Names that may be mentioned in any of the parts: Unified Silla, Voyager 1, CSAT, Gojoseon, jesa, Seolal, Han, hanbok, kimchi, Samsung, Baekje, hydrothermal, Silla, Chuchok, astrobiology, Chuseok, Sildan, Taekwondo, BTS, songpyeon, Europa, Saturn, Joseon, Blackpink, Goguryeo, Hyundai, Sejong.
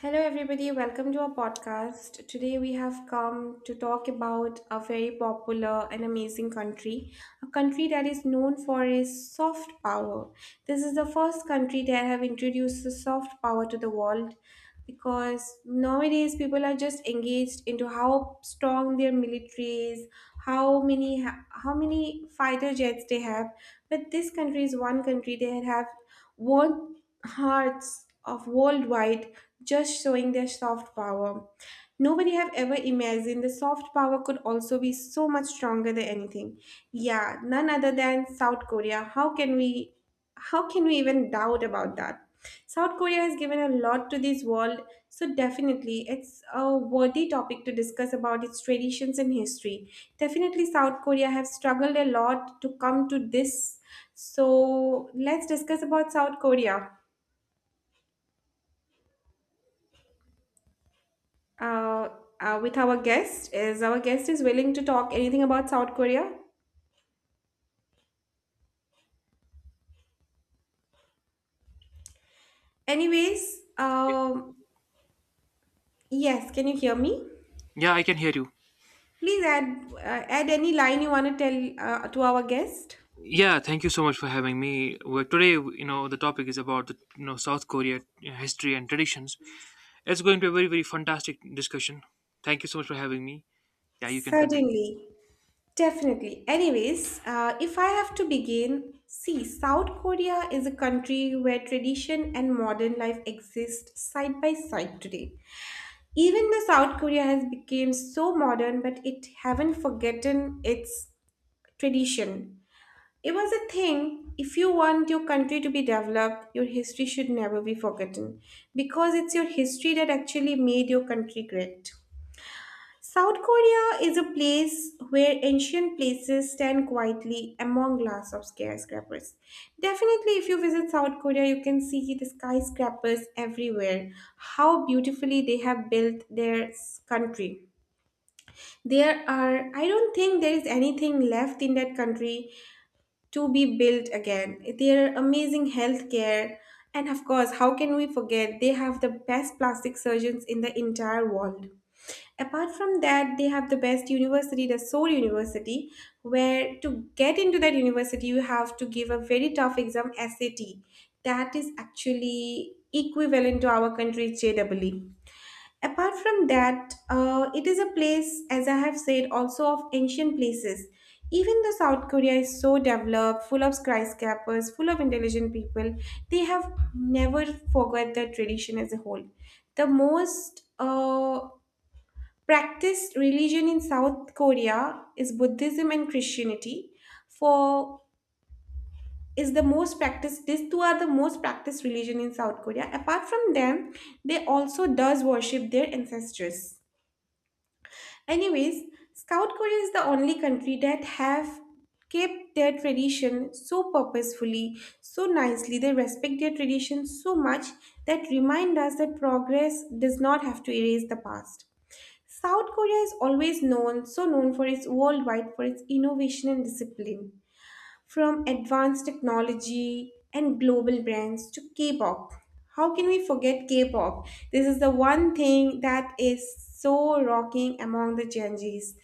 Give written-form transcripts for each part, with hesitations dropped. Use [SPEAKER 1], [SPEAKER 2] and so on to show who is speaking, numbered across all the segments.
[SPEAKER 1] Hello, everybody. Welcome to our podcast. Today, we have come to talk about a very popular and amazing country, a country that is known for its soft power. This is the first country that have introduced the soft power to the world because nowadays people are just engaged into how strong their military is, how many fighter jets they have. But this country is one country that have won hearts of worldwide just showing their soft power. Nobody have ever imagined the soft power could also be so much stronger than anything. Yeah, none other than South Korea. How can we even doubt about that? South Korea has given a lot to this world, so definitely it's a worthy topic to discuss about its traditions and history. Definitely South Korea have struggled a lot to come to this. So let's discuss about South Korea uh, with our guest is willing to talk anything about South Korea. Anyways, um, yes, can you hear me?
[SPEAKER 2] Yeah, I can hear you.
[SPEAKER 1] Please add add any line you want to tell to our guest.
[SPEAKER 2] Yeah, thank you so much for having me. Well, today, the topic is about the South Korea you history and traditions. It's going to be a very very fantastic discussion. Thank you so much for having me. Yeah, you can continue.
[SPEAKER 1] Certainly, definitely. If I have to begin, see, South Korea is a country where tradition and modern life exist side by side today. Even though South Korea has become so modern, but it haven't forgotten its tradition. It was a thing. If you want your country to be developed, your history should never be forgotten because it's your history that actually made your country great. South Korea is a place where ancient places stand quietly among glass of skyscrapers. Definitely, if you visit South Korea, you can see the skyscrapers everywhere, how beautifully they have built their country. There are, I don't think there is anything left in that country to be built again. Their amazing healthcare, and of course, how can we forget they have the best plastic surgeons in the entire world. Apart from that, they have the best university, the Seoul University, where to get into that university, you have to give a very tough exam SAT. That is actually equivalent to our country's JEE. Apart from that, it is a place, as I have said, also of ancient places. Even though South Korea is so developed, full of skyscrapers, full of intelligent people, they have never forgot their tradition as a whole. The most practiced religion in south korea is buddhism and christianity for is the most practiced, these two are the most practiced religion in South Korea. Apart from them, they also does worship their ancestors. Anyways, South Korea is the only country that have kept their tradition so purposefully, so nicely. They respect their tradition so much that remind us that progress does not have to erase the past. South Korea is always known, so known for its worldwide for its innovation and discipline. From advanced technology and global brands to K pop. How can we forget K pop? This is the one thing that is so rocking among the Gen Zs.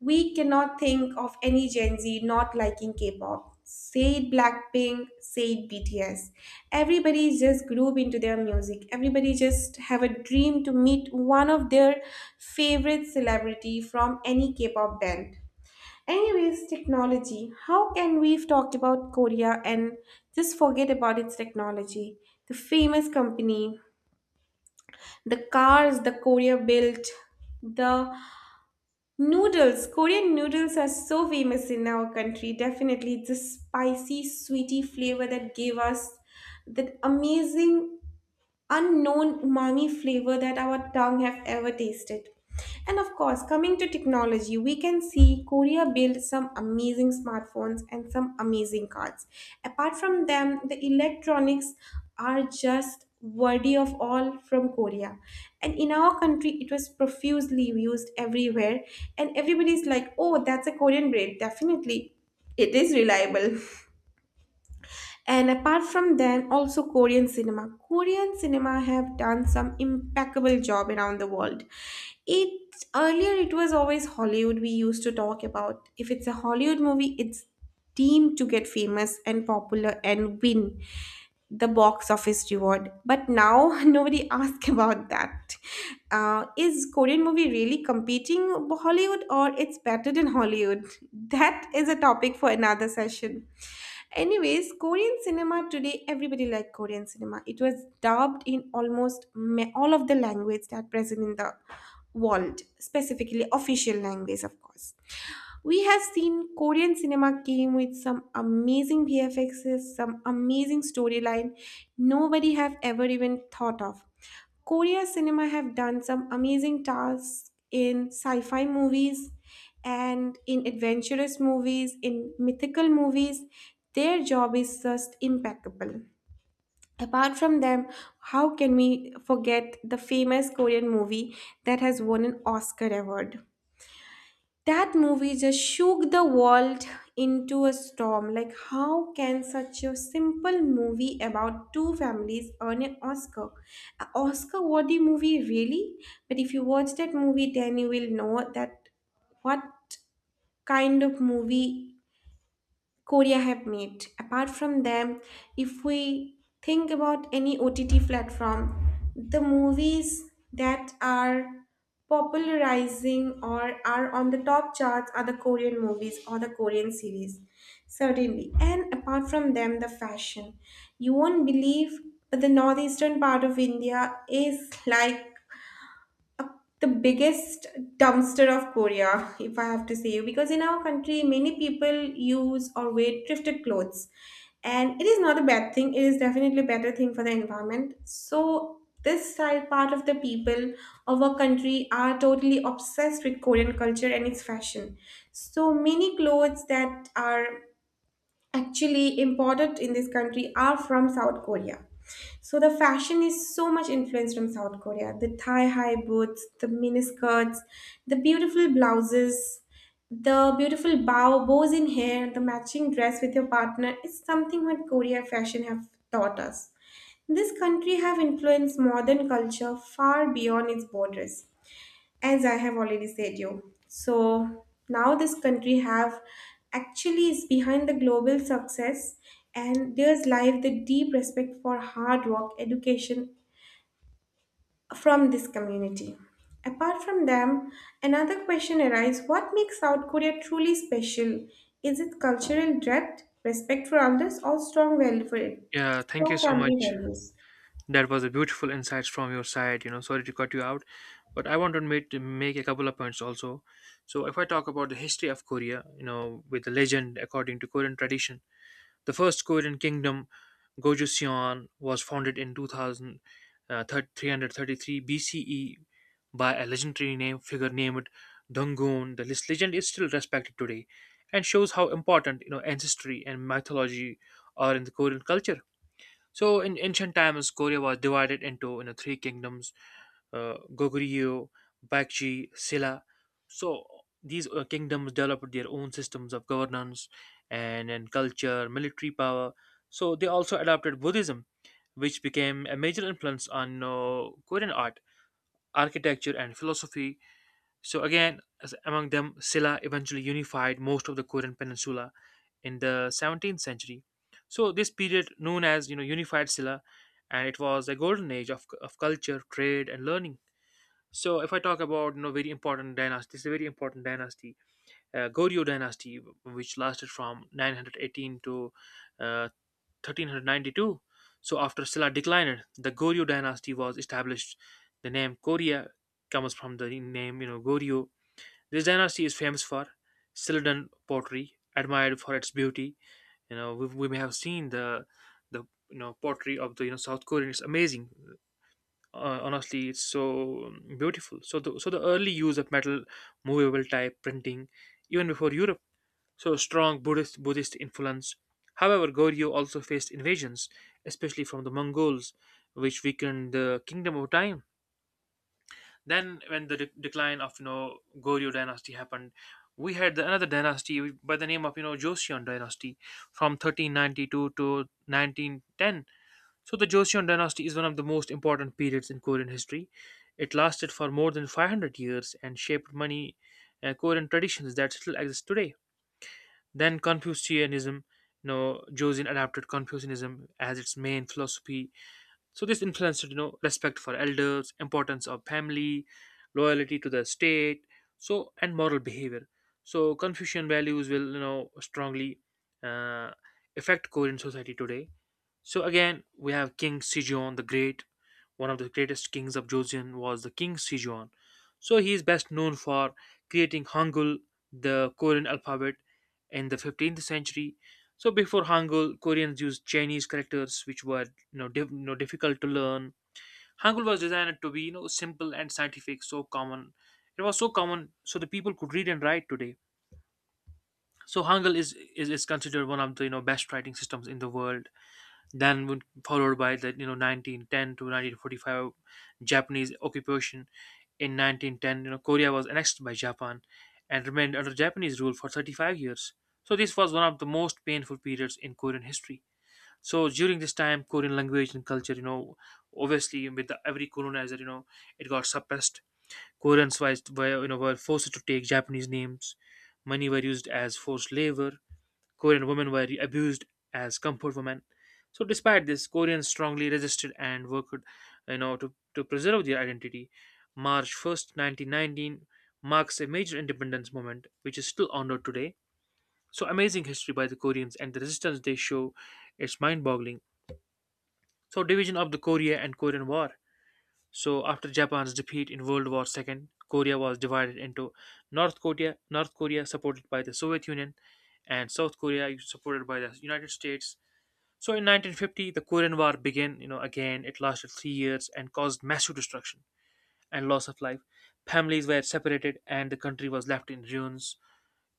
[SPEAKER 1] We cannot think of any Gen Z not liking K pop. Say it Blackpink, say it BTS. Everybody just groove into their music. Everybody just have a dream to meet one of their favorite celebrity from any K pop band. Anyways, technology. How can we've talked about Korea and just forget about its technology? The famous company, the cars the Korea built, the noodles. Korean noodles are so famous in our country. Definitely, it's a spicy, sweety flavor that gave us that amazing unknown umami flavor that our tongue have ever tasted. And of course, coming to technology, we can see Korea built some amazing smartphones and some amazing cards. Apart from them, the electronics are just worthy of all from Korea. And in our country, it was profusely used everywhere. And everybody's like, oh, that's a Korean brand. Definitely, it is reliable. And apart from then, also Korean cinema. Korean cinema have done some impeccable job around the world. It earlier it was always Hollywood we used to talk about. If it's a Hollywood movie, it's deemed to get famous and popular and win the box office reward. But now nobody asks about that. Is Korean movie really competing Hollywood or it's better than Hollywood? That is a topic for another session. Anyways, Korean cinema today, everybody like Korean cinema. It was dubbed in almost all of the language that present in the world, specifically official language, of course. We have seen Korean cinema came with some amazing VFXs, some amazing storyline nobody have ever even thought of. Korea cinema have done some amazing tasks in sci-fi movies and in adventurous movies, in mythical movies. Their job is just impeccable. Apart from them, how can we forget the famous Korean movie that has won an Oscar award? That movie just shook the world into a storm. Like, how can such a simple movie about two families earn an Oscar? An Oscar worthy movie, really? But if you watch that movie, then you will know that what kind of movie Korea have made. Apart from them, if we think about any OTT platform, the movies that are popularizing or are on the top charts are the Korean movies or the Korean series. Certainly. And apart from them, the fashion. You won't believe, but the northeastern part of India is like the biggest dumpster of Korea, if I have to say, because in our country, many people use or wear thrifted clothes, and it is not a bad thing. It is definitely a better thing for the environment. So this side part of the people of our country are totally obsessed with Korean culture and its fashion. So many clothes that are actually imported in this country are from South Korea. So the fashion is so much influenced from South Korea. The thigh-high boots, the miniskirts, the beautiful blouses, the beautiful bows in hair, the matching dress with your partner is something what Korea fashion have taught us. This country have influenced modern culture far beyond its borders, as I have already said you. So now this country have actually is behind the global success, and there's life the deep respect for hard work education from this community. Apart from them, another question arises, what makes South Korea truly special? Is it cultural depth, respect for others, or strong welfare,
[SPEAKER 2] Yeah, thank
[SPEAKER 1] strong
[SPEAKER 2] you so
[SPEAKER 1] family
[SPEAKER 2] much.
[SPEAKER 1] values?
[SPEAKER 2] That was a beautiful insights from your side. Sorry to cut you out, but I want to make a couple of points also. So, if I talk about the history of Korea, with the legend according to Korean tradition, the first Korean kingdom Gojoseon was founded in 2333 BCE by a legendary name figure named Dungun. The list legend is still respected today and shows how important ancestry and mythology are in the Korean culture. So in ancient times, Korea was divided into three kingdoms: Goguryeo, Baekje, Silla. So these kingdoms developed their own systems of governance and culture, military power. So they also adopted Buddhism, which became a major influence on Korean art, architecture, and philosophy. So again, as among them, Silla eventually unified most of the Korean peninsula in the 17th century. So this period, known as Unified Silla, and it was a golden age of culture, trade, and learning. So if I talk about very important dynasty, this is a very important dynasty, Goryeo dynasty, which lasted from 918 to uh, 1392. So after Silla declined, the Goryeo dynasty was established. The name Korea comes from the name Goryeo. This dynasty is famous for Sildan pottery, admired for its beauty. We may have seen the pottery of the South Korean. It's amazing, honestly. It's so beautiful. So the early use of metal movable type printing, even before Europe. So strong Buddhist influence. However, Goryeo also faced invasions, especially from the Mongols, which weakened the kingdom over time. Then when the decline of Goryeo dynasty happened, we had another dynasty by the name of Joseon dynasty from 1392 to 1910. So, the Joseon dynasty is one of the most important periods in Korean history. It lasted for more than 500 years and shaped many Korean traditions that still exist today. Then, Confucianism. Joseon adapted Confucianism as its main philosophy. So, this influenced, respect for elders, importance of family, loyalty to the state, and moral behavior. So, Confucian values will, strongly uh, affect Korean society today. So again, we have King Sejong the Great. One of the greatest kings of Joseon was the King Sejong. So he is best known for creating Hangul, the Korean alphabet, in the 15th century. So before Hangul, Koreans used Chinese characters, which were difficult to learn. Hangul was designed to be simple and scientific, so common. It was so common, so the people could read and write today. So Hangul is considered one of the best writing systems in the world, then would followed by the 1910 to 1945 Japanese occupation. In 1910, Korea was annexed by Japan and remained under Japanese rule for 35 years. So this was one of the most painful periods in Korean history. So during this time, Korean language and culture, obviously with every colonizer, it got suppressed. Koreans wise were you know were forced to take Japanese names. Many were used as forced labor. Korean women were abused as comfort women. So despite this, Koreans strongly resisted and worked, to preserve their identity. March 1st, 1919 marks a major independence moment which is still honored today. So amazing history by the Koreans and the resistance they show, it's mind-boggling. So division of the Korea and Korean War. So after Japan's defeat in World War II, Korea was divided into North Korea, North Korea supported by the Soviet Union, and South Korea supported by the United States. So in 1950, the Korean War began, again. It lasted 3 years and caused massive destruction and loss of life. Families were separated and the country was left in ruins.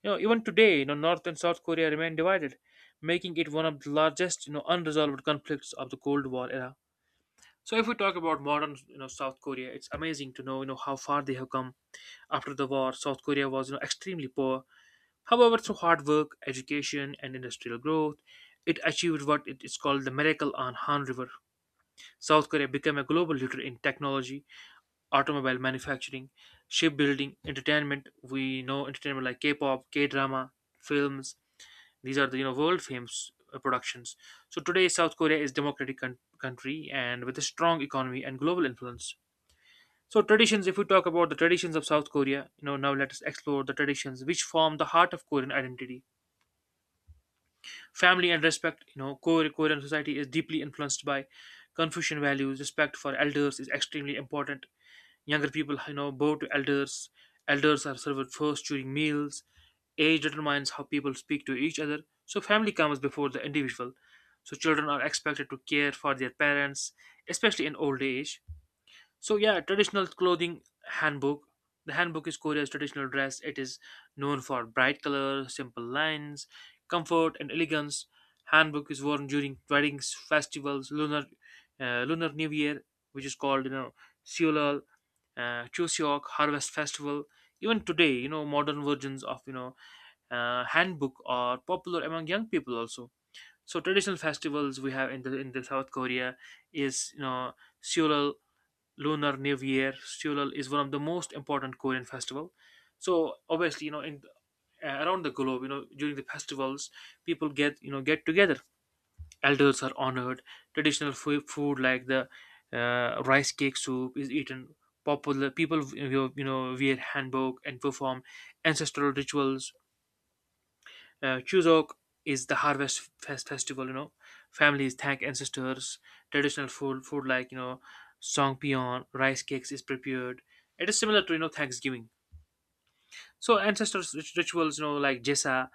[SPEAKER 2] Even today, North and South Korea remain divided, making it one of the largest, unresolved conflicts of the Cold War era. So if we talk about modern, South Korea, it's amazing to know, how far they have come. After the war, South Korea was, extremely poor. However, through hard work, education, and industrial growth, it achieved what it is called the miracle on Han River. South Korea became a global leader in technology, automobile manufacturing, shipbuilding, entertainment. We know entertainment like K-pop, K-drama, films. These are the world famous productions. So today, South Korea is democratic country and with a strong economy and global influence. So traditions, if we talk about the traditions of South Korea, now let us explore the traditions which form the heart of Korean identity. Family and respect. Korean society is deeply influenced by Confucian values. Respect for elders is extremely important. Younger people, bow to elders. Elders are served first during meals. Age determines how people speak to each other. So family comes before the individual. So children are expected to care for their parents, especially in old age. So yeah, traditional clothing handbook. The handbook is Korea's traditional dress. It is known for bright color, simple lines, comfort, and elegance. Handbook is worn during weddings, festivals, lunar New Year, which is called Seolal, Chuseok Harvest Festival. Even today, modern versions of handbook are popular among young people also. So traditional festivals we have in the South Korea is Seolal Lunar New Year. Seoul is one of the most important Korean festival. So obviously, in around the globe, during the festivals, people get you know get together. Elders are honored. Traditional food like the rice cake soup is eaten. Popular people wear hanbok and perform ancestral rituals. Chuseok is the harvest festival. Families thank ancestors. Traditional food like songpyeon, rice cakes is prepared. It is similar to Thanksgiving. So ancestors rituals, like jesa.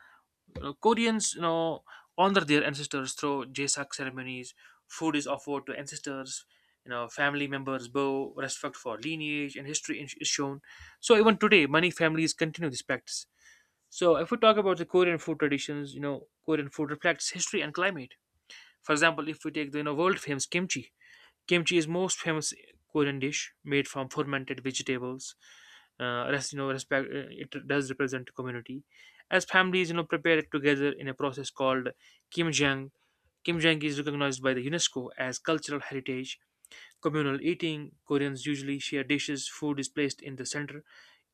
[SPEAKER 2] Koreans, honor their ancestors through jesak ceremonies. Food is offered to ancestors. Family members bow, respect for lineage and history is shown. So even today, many families continue this practice. So, if we talk about the Korean food traditions, Korean food reflects history and climate. For example, if we take the world famous kimchi. Kimchi is most famous Korean dish made from fermented vegetables. Respect, it does represent community. As families, prepare it together in a process called kimjang. Kimjang is recognized by the UNESCO as cultural heritage. Communal eating, Koreans usually share dishes. Food is placed in the center.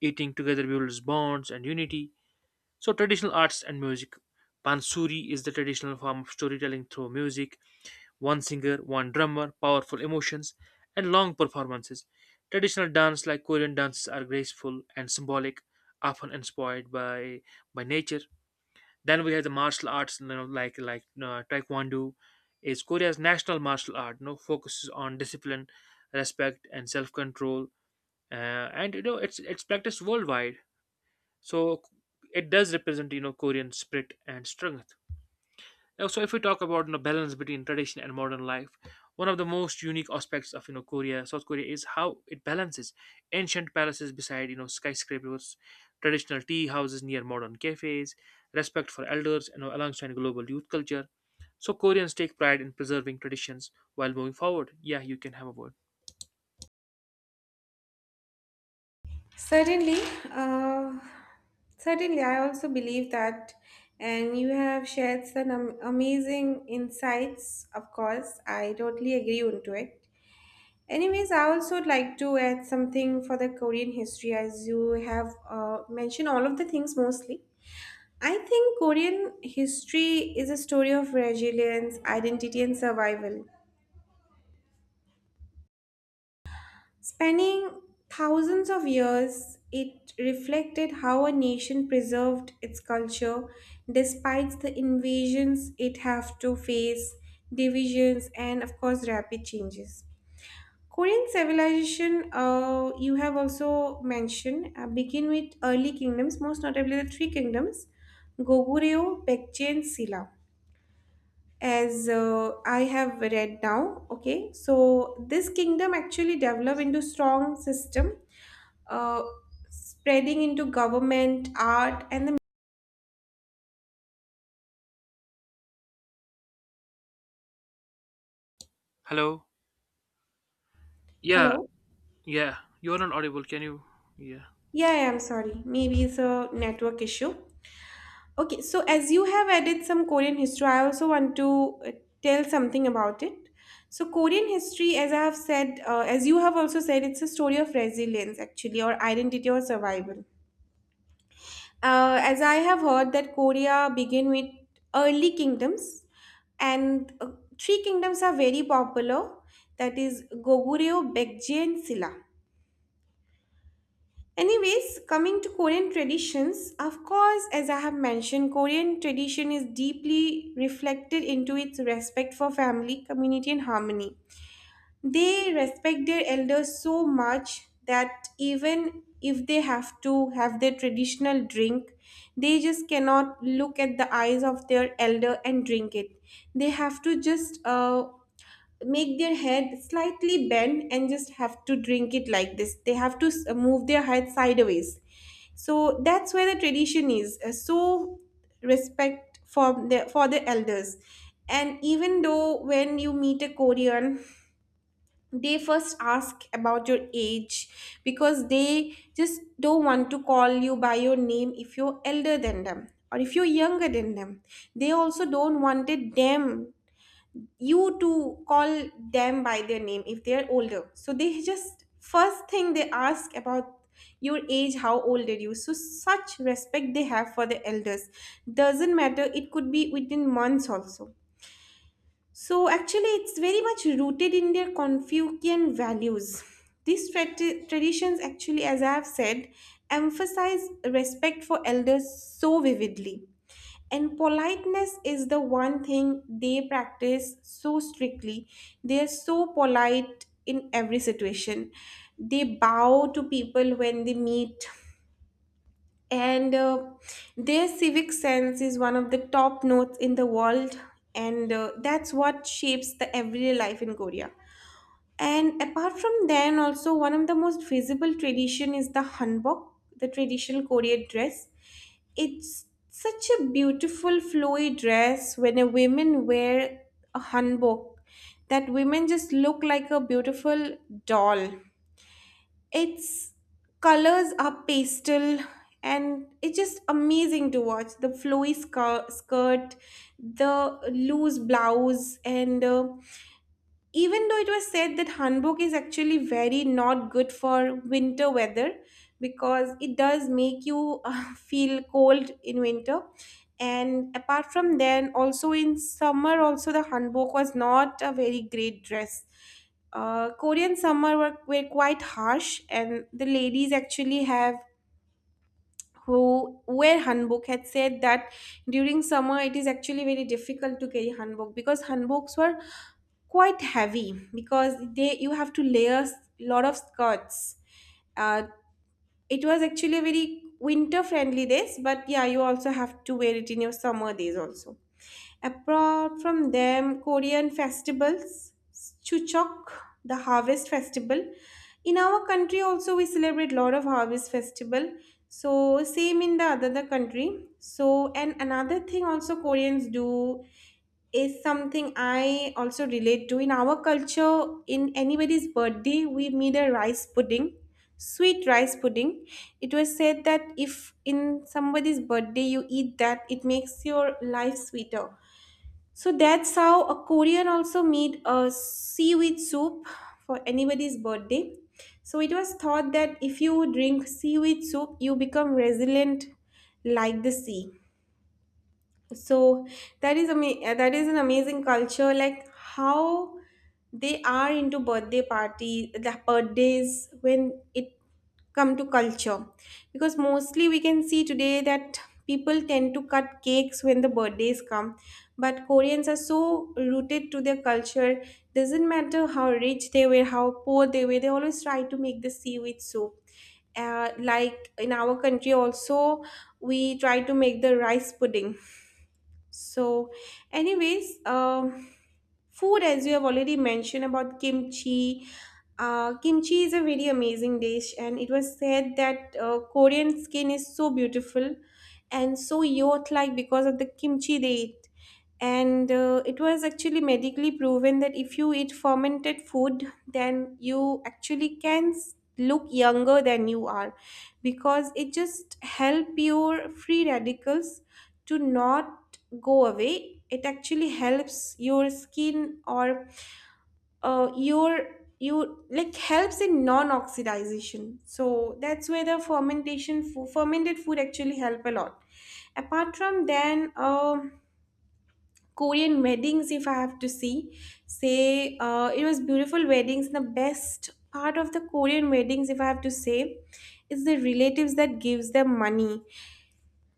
[SPEAKER 2] Eating together builds bonds and unity. So, traditional arts and music. Pansuri is the traditional form of storytelling through music, one singer, one drummer, powerful emotions, and long performances. Traditional dance like Korean dances are graceful and symbolic, often inspired by nature. Then we have the martial arts, Taekwondo, is Korea's national martial art. Focuses on discipline, respect, and self-control, uh, and it's practiced worldwide. So it does represent, Korean spirit and strength. Now, so if we talk about balance between tradition and modern life, one of the most unique aspects of Korea, South Korea, is how it balances ancient palaces beside skyscrapers, traditional tea houses near modern cafes, respect for elders, and alongside global youth culture. So Koreans take pride in preserving traditions while moving forward. Yeah, you can have a word.
[SPEAKER 1] Certainly, uh, certainly, I also believe that, and you have shared some amazing insights. Of course, I totally agree onto it. Anyways, I also would like to add something for the Korean history, as you have mentioned all of the things mostly. I think Korean history is a story of resilience, identity, and survival. Spanning thousands of years, it reflected how a nation preserved its culture despite the invasions it have to face, divisions, and of course, rapid changes. Korean civilization, you have also mentioned, begin with early kingdoms, most notably the three kingdoms, Goguryeo, Baekje, and Silla, as I have read now. Okay, so this kingdom actually developed into strong system, uh, spreading into government, art, and the
[SPEAKER 2] Hello. Yeah,
[SPEAKER 1] hello.
[SPEAKER 2] yeah. You're not audible. Can you? Yeah.
[SPEAKER 1] Yeah, yeah, I'm sorry. Maybe it's a network issue. Okay, so as you have added some Korean history, I also want to tell something about it. So, Korean history, as I have said, as you have also said, it's a story of resilience actually, or identity or survival. As I have heard that Korea began with early kingdoms, and three kingdoms are very popular. That is Goguryeo, Baekje, and Silla. Anyways, coming to Korean traditions, of course, as I have mentioned, Korean tradition is deeply reflected into its respect for family, community, and harmony. They respect their elders so much that even if they have to have their traditional drink, they just cannot look at the eyes of their elder and drink it. They have to just make their head slightly bend and just have to drink it like this. They have to move their head sideways. So that's where the tradition is. So respect for the elders. And even though when you meet a Korean, they first ask about your age because they just don't want to call you by your name if you're elder than them or if you're younger than them. They also don't wanted them you to call them by their name if they're older, so they just first thing they ask about your age, how old are you. So such respect they have for the elders, doesn't matter, it could be within months also. So actually, it's very much rooted in their Confucian values. These tra- traditions, actually, as I have said, emphasize respect for elders so vividly. And politeness is the one thing they practice so strictly. They are so polite in every situation. They bow to people when they meet, and their civic sense is one of the top notes in the world, and that's what shapes the everyday life in Korea. And apart from them, also one of the most visible tradition is the hanbok, the traditional Korean dress. It's such a beautiful flowy dress. When a woman wear a hanbok, that women just look like a beautiful doll. Its colors are pastel, and it's just amazing to watch. The skirt, the loose blouse, and even though it was said that hanbok is actually very not good for winter weather, because it does make you feel cold in winter. And apart from then, also in summer also the hanbok was not a very great dress. Korean summer were quite harsh, and the ladies actually have who wear hanbok had said that during summer it is actually very difficult to carry hanbok, because hanboks were quite heavy, because they you have to layer a lot of skirts. uh, it was actually very winter friendly days, but yeah, you also have to wear it in your summer days also. Apart from them, Korean festivals, Chuchok, the harvest festival. In our country also we celebrate lot of harvest festival. So same in the other the country. So and another thing also Koreans do is something I also relate to. In our culture, in anybody's birthday, we made a rice pudding, sweet rice pudding. It was said that if in somebody's birthday you eat that, it makes your life sweeter. So that's how a Korean also made a seaweed soup for anybody's birthday. So it was thought that if you drink seaweed soup, you become resilient like the sea. So that is an amazing culture, like how they are into birthday party, the birthdays when it come to culture, because mostly we can see today that people tend to cut cakes when the birthdays come, but Koreans are so rooted to their culture. Doesn't matter how rich they were, how poor they were, they always try to make the seaweed soup. Like in our country also, we try to make the rice pudding. So, anyways, food, as you have already mentioned about kimchi. Kimchi is a very amazing dish, and it was said that Korean skin is so beautiful and so youth-like because of the kimchi they eat. And it was actually medically proven that if you eat fermented food, then you actually look younger than you are, because it just help your free radicals to not go away. It actually helps your skin, or your you like helps in non-oxidization. So that's where the fermented food actually help a lot. Apart from then, Korean weddings, if I have to say, it was beautiful weddings. The best part of the Korean weddings, if I have to say, is the relatives that gives them money.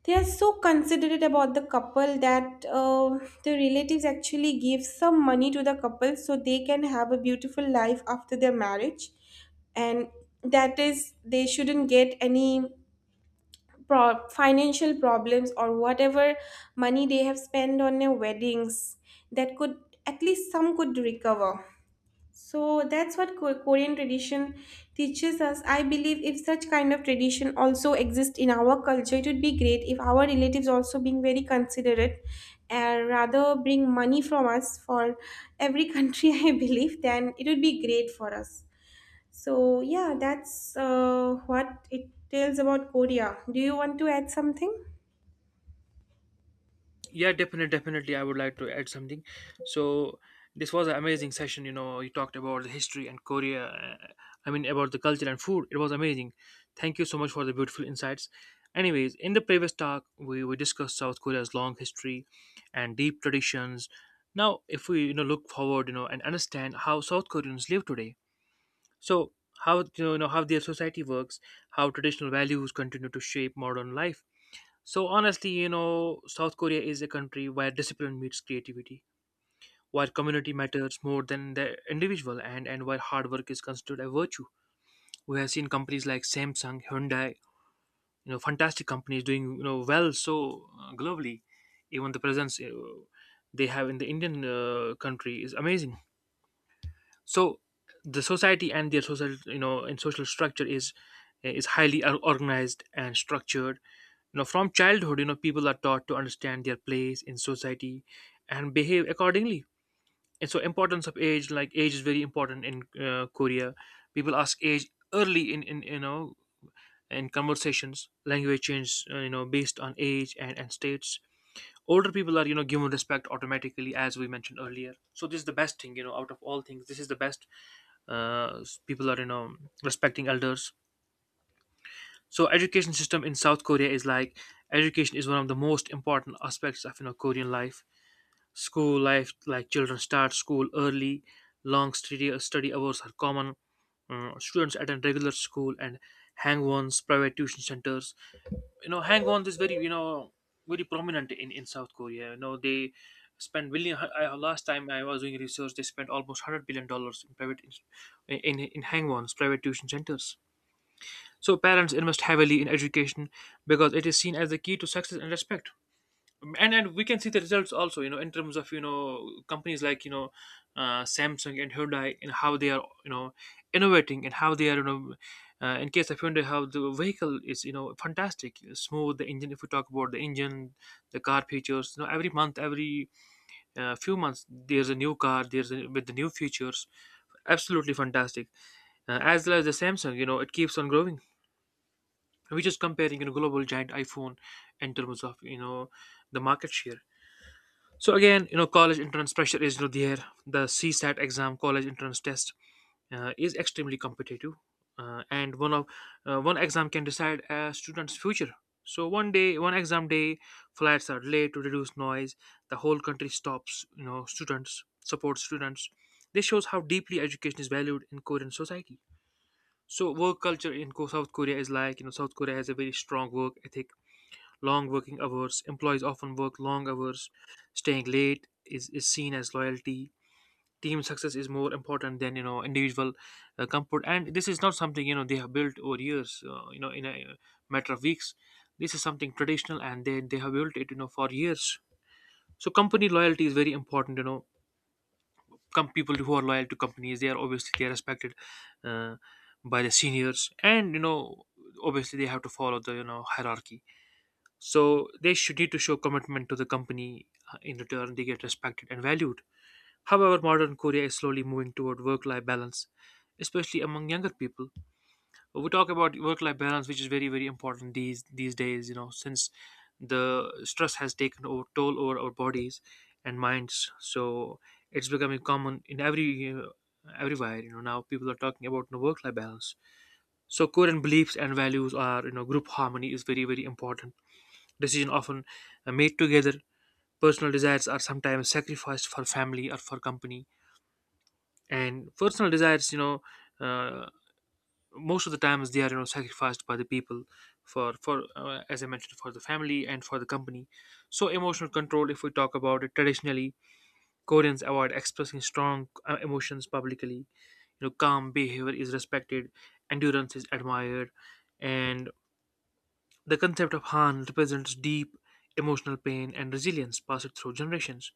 [SPEAKER 1] They are so considerate about the couple that the relatives actually give some money to the couple so they can have a beautiful life after their marriage, and that is they shouldn't get any financial problems, or whatever money they have spent on their weddings that could at least some could recover. So that's what Korean tradition teaches us. I believe if such kind of tradition also exists in our culture, it would be great, if our relatives also being very considerate and rather bring money from us for every country I believe, then it would be great for us. So yeah, that's what it tells about Korea. Do you want to add something?
[SPEAKER 2] Yeah, definitely, definitely. I would like to add something. So this was an amazing session. You know, you talked about the history and Korea. I mean, about the culture and food. It was amazing. Thank you so much for the beautiful insights. Anyways, in the previous talk, we discussed South Korea's long history and deep traditions. Now, if we look forward, and understand how South Koreans live today, so how you know how their society works, how traditional values continue to shape modern life so honestly, South Korea is a country where discipline meets creativity, where community matters more than the individual, and where hard work is considered a virtue. We have seen companies like Samsung, Hyundai, you know, fantastic companies doing well so globally. Even the presence they have in the Indian country is amazing. So the society and their social you know and social structure is highly organized and structured. You know, from childhood, people are taught to understand their place in society and behave accordingly, and so importance of age, like age is very important in Korea. People ask age early in in conversations. Language change, based on age and states. Older people are given respect automatically, as we mentioned earlier. So this is the best thing, out of all things this is the best. uh, People are respecting elders. So education system in South Korea is like, education is one of the most important aspects of Korean life. School life, like children start school early, long study hours are common. Students attend regular school and hang-ons, private tuition centers. You know, hang-ons is very very prominent in South Korea. You know, they spend billion, I, last time I was doing research, they spent almost 100 billion dollars in private in hang-ons private tuition centers. So parents invest heavily in education because it is seen as the key to success and respect. And we can see the results also, you know, in terms of companies like Samsung and Hyundai, and how they are innovating, and how they are in case of Hyundai, how the vehicle is, you know, fantastic, smooth, the engine. If we talk about the engine, the car features, you know, every month, every few months there's a new car, there's a, with the new features, absolutely fantastic. As well as the Samsung, you know, it keeps on growing. We're just comparing, you know, global giant iPhone in terms of, you know, the market share. So again, you know, college entrance pressure is, you know, there, the CSAT exam, college entrance test, is extremely competitive. And one of One exam can decide a student's future. So one day, one exam day, flights are late to reduce noise. The whole country stops. You know, students support students. This shows how deeply education is valued in Korean society. So work culture in South Korea is like, you know, South Korea has a very strong work ethic. Long working hours. Employees often work long hours. Staying late is seen as loyalty. Team success is more important than, you know, individual comfort. And this is not something, you know, they have built over years. You know, in a matter of weeks. This is something traditional, and they have built it, you know, for years. So company loyalty is very important. You know, come people who are loyal to companies, they are obviously they are respected uh, by the seniors, and you know, obviously they have to follow the, you know, hierarchy. So they should need to show commitment to the company. In return, they get respected and valued. However, modern Korea is slowly moving toward work-life balance, especially among younger people. We talk about work-life balance, which is very, very important these days. You know, since the stress has taken over, toll over our bodies and minds, so it's becoming common in every everywhere. You know, now people are talking about, you know, work-life balance. So Korean beliefs and values are, you know, group harmony is very, very important. Decisions often are made together. Personal desires are sometimes sacrificed for family or for company. And personal desires, you know, uh, most of the times they are, you know, sacrificed by the people for as I mentioned, for the family and for the company. So emotional control, if we talk about it, traditionally Koreans avoid expressing strong emotions publicly. You know, calm behavior is respected, endurance is admired, and the concept of Han represents deep emotional pain and resilience passed through generations.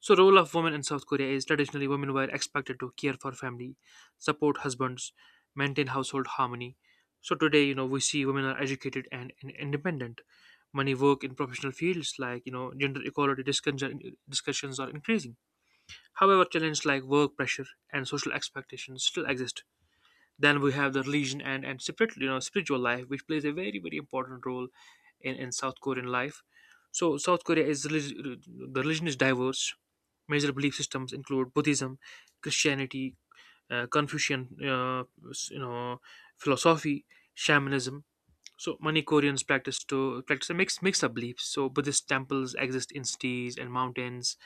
[SPEAKER 2] So role of women in South Korea is, traditionally women were expected to care for family, support husbands, maintain household harmony. So today, you know, we see women are educated and independent. Many work in professional fields like, you know, discussions are increasing. However, challenges like work pressure and social expectations still exist. Then we have the religion and separate, you know, spiritual life, which plays a very, very important role in South Korean life. So South Korea is relig- the religion is diverse. Major belief systems include Buddhism, Christianity, Confucian, you know, philosophy, shamanism. So many Koreans practice a mix of beliefs. So Buddhist temples exist in cities and mountains,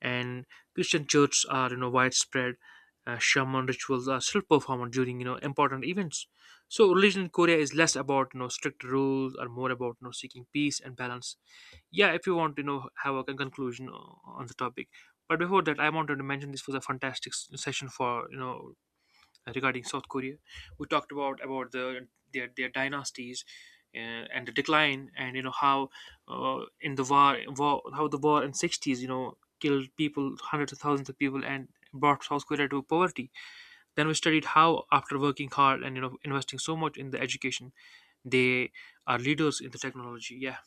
[SPEAKER 2] and Christian churches are, you know, widespread. Shaman rituals are still performed during, you know, important events. So religion in Korea is less about, you know, strict rules, or more about, you know, seeking peace and balance. Yeah, if you want to, you know, have a conclusion on the topic. But before that, I wanted to mention, this was a fantastic session for, you know, regarding South Korea. We talked about the their dynasties, uh, and the decline, and you know how, in the war, how the war in '60s, you know, killed people, hundreds of thousands of people, and brought South Korea to poverty. Then we studied how, after working hard and, you know, investing so much in the education, they are leaders in the technology. Yeah.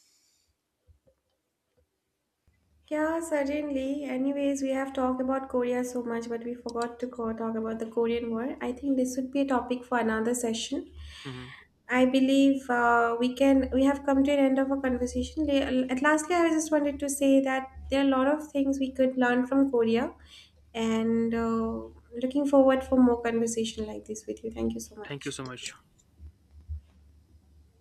[SPEAKER 1] Yeah, certainly. Anyways, we have talked about Korea so much, but we forgot to go talk about the Korean War. I think this would be a topic for another session.
[SPEAKER 2] Hmm.
[SPEAKER 1] I believe we have come to an end of our conversation. At lastly, I just wanted to say that there are a lot of things we could learn from Korea, and looking forward for more conversation like this with you. Thank you so
[SPEAKER 2] Thank you
[SPEAKER 1] much.
[SPEAKER 2] so much.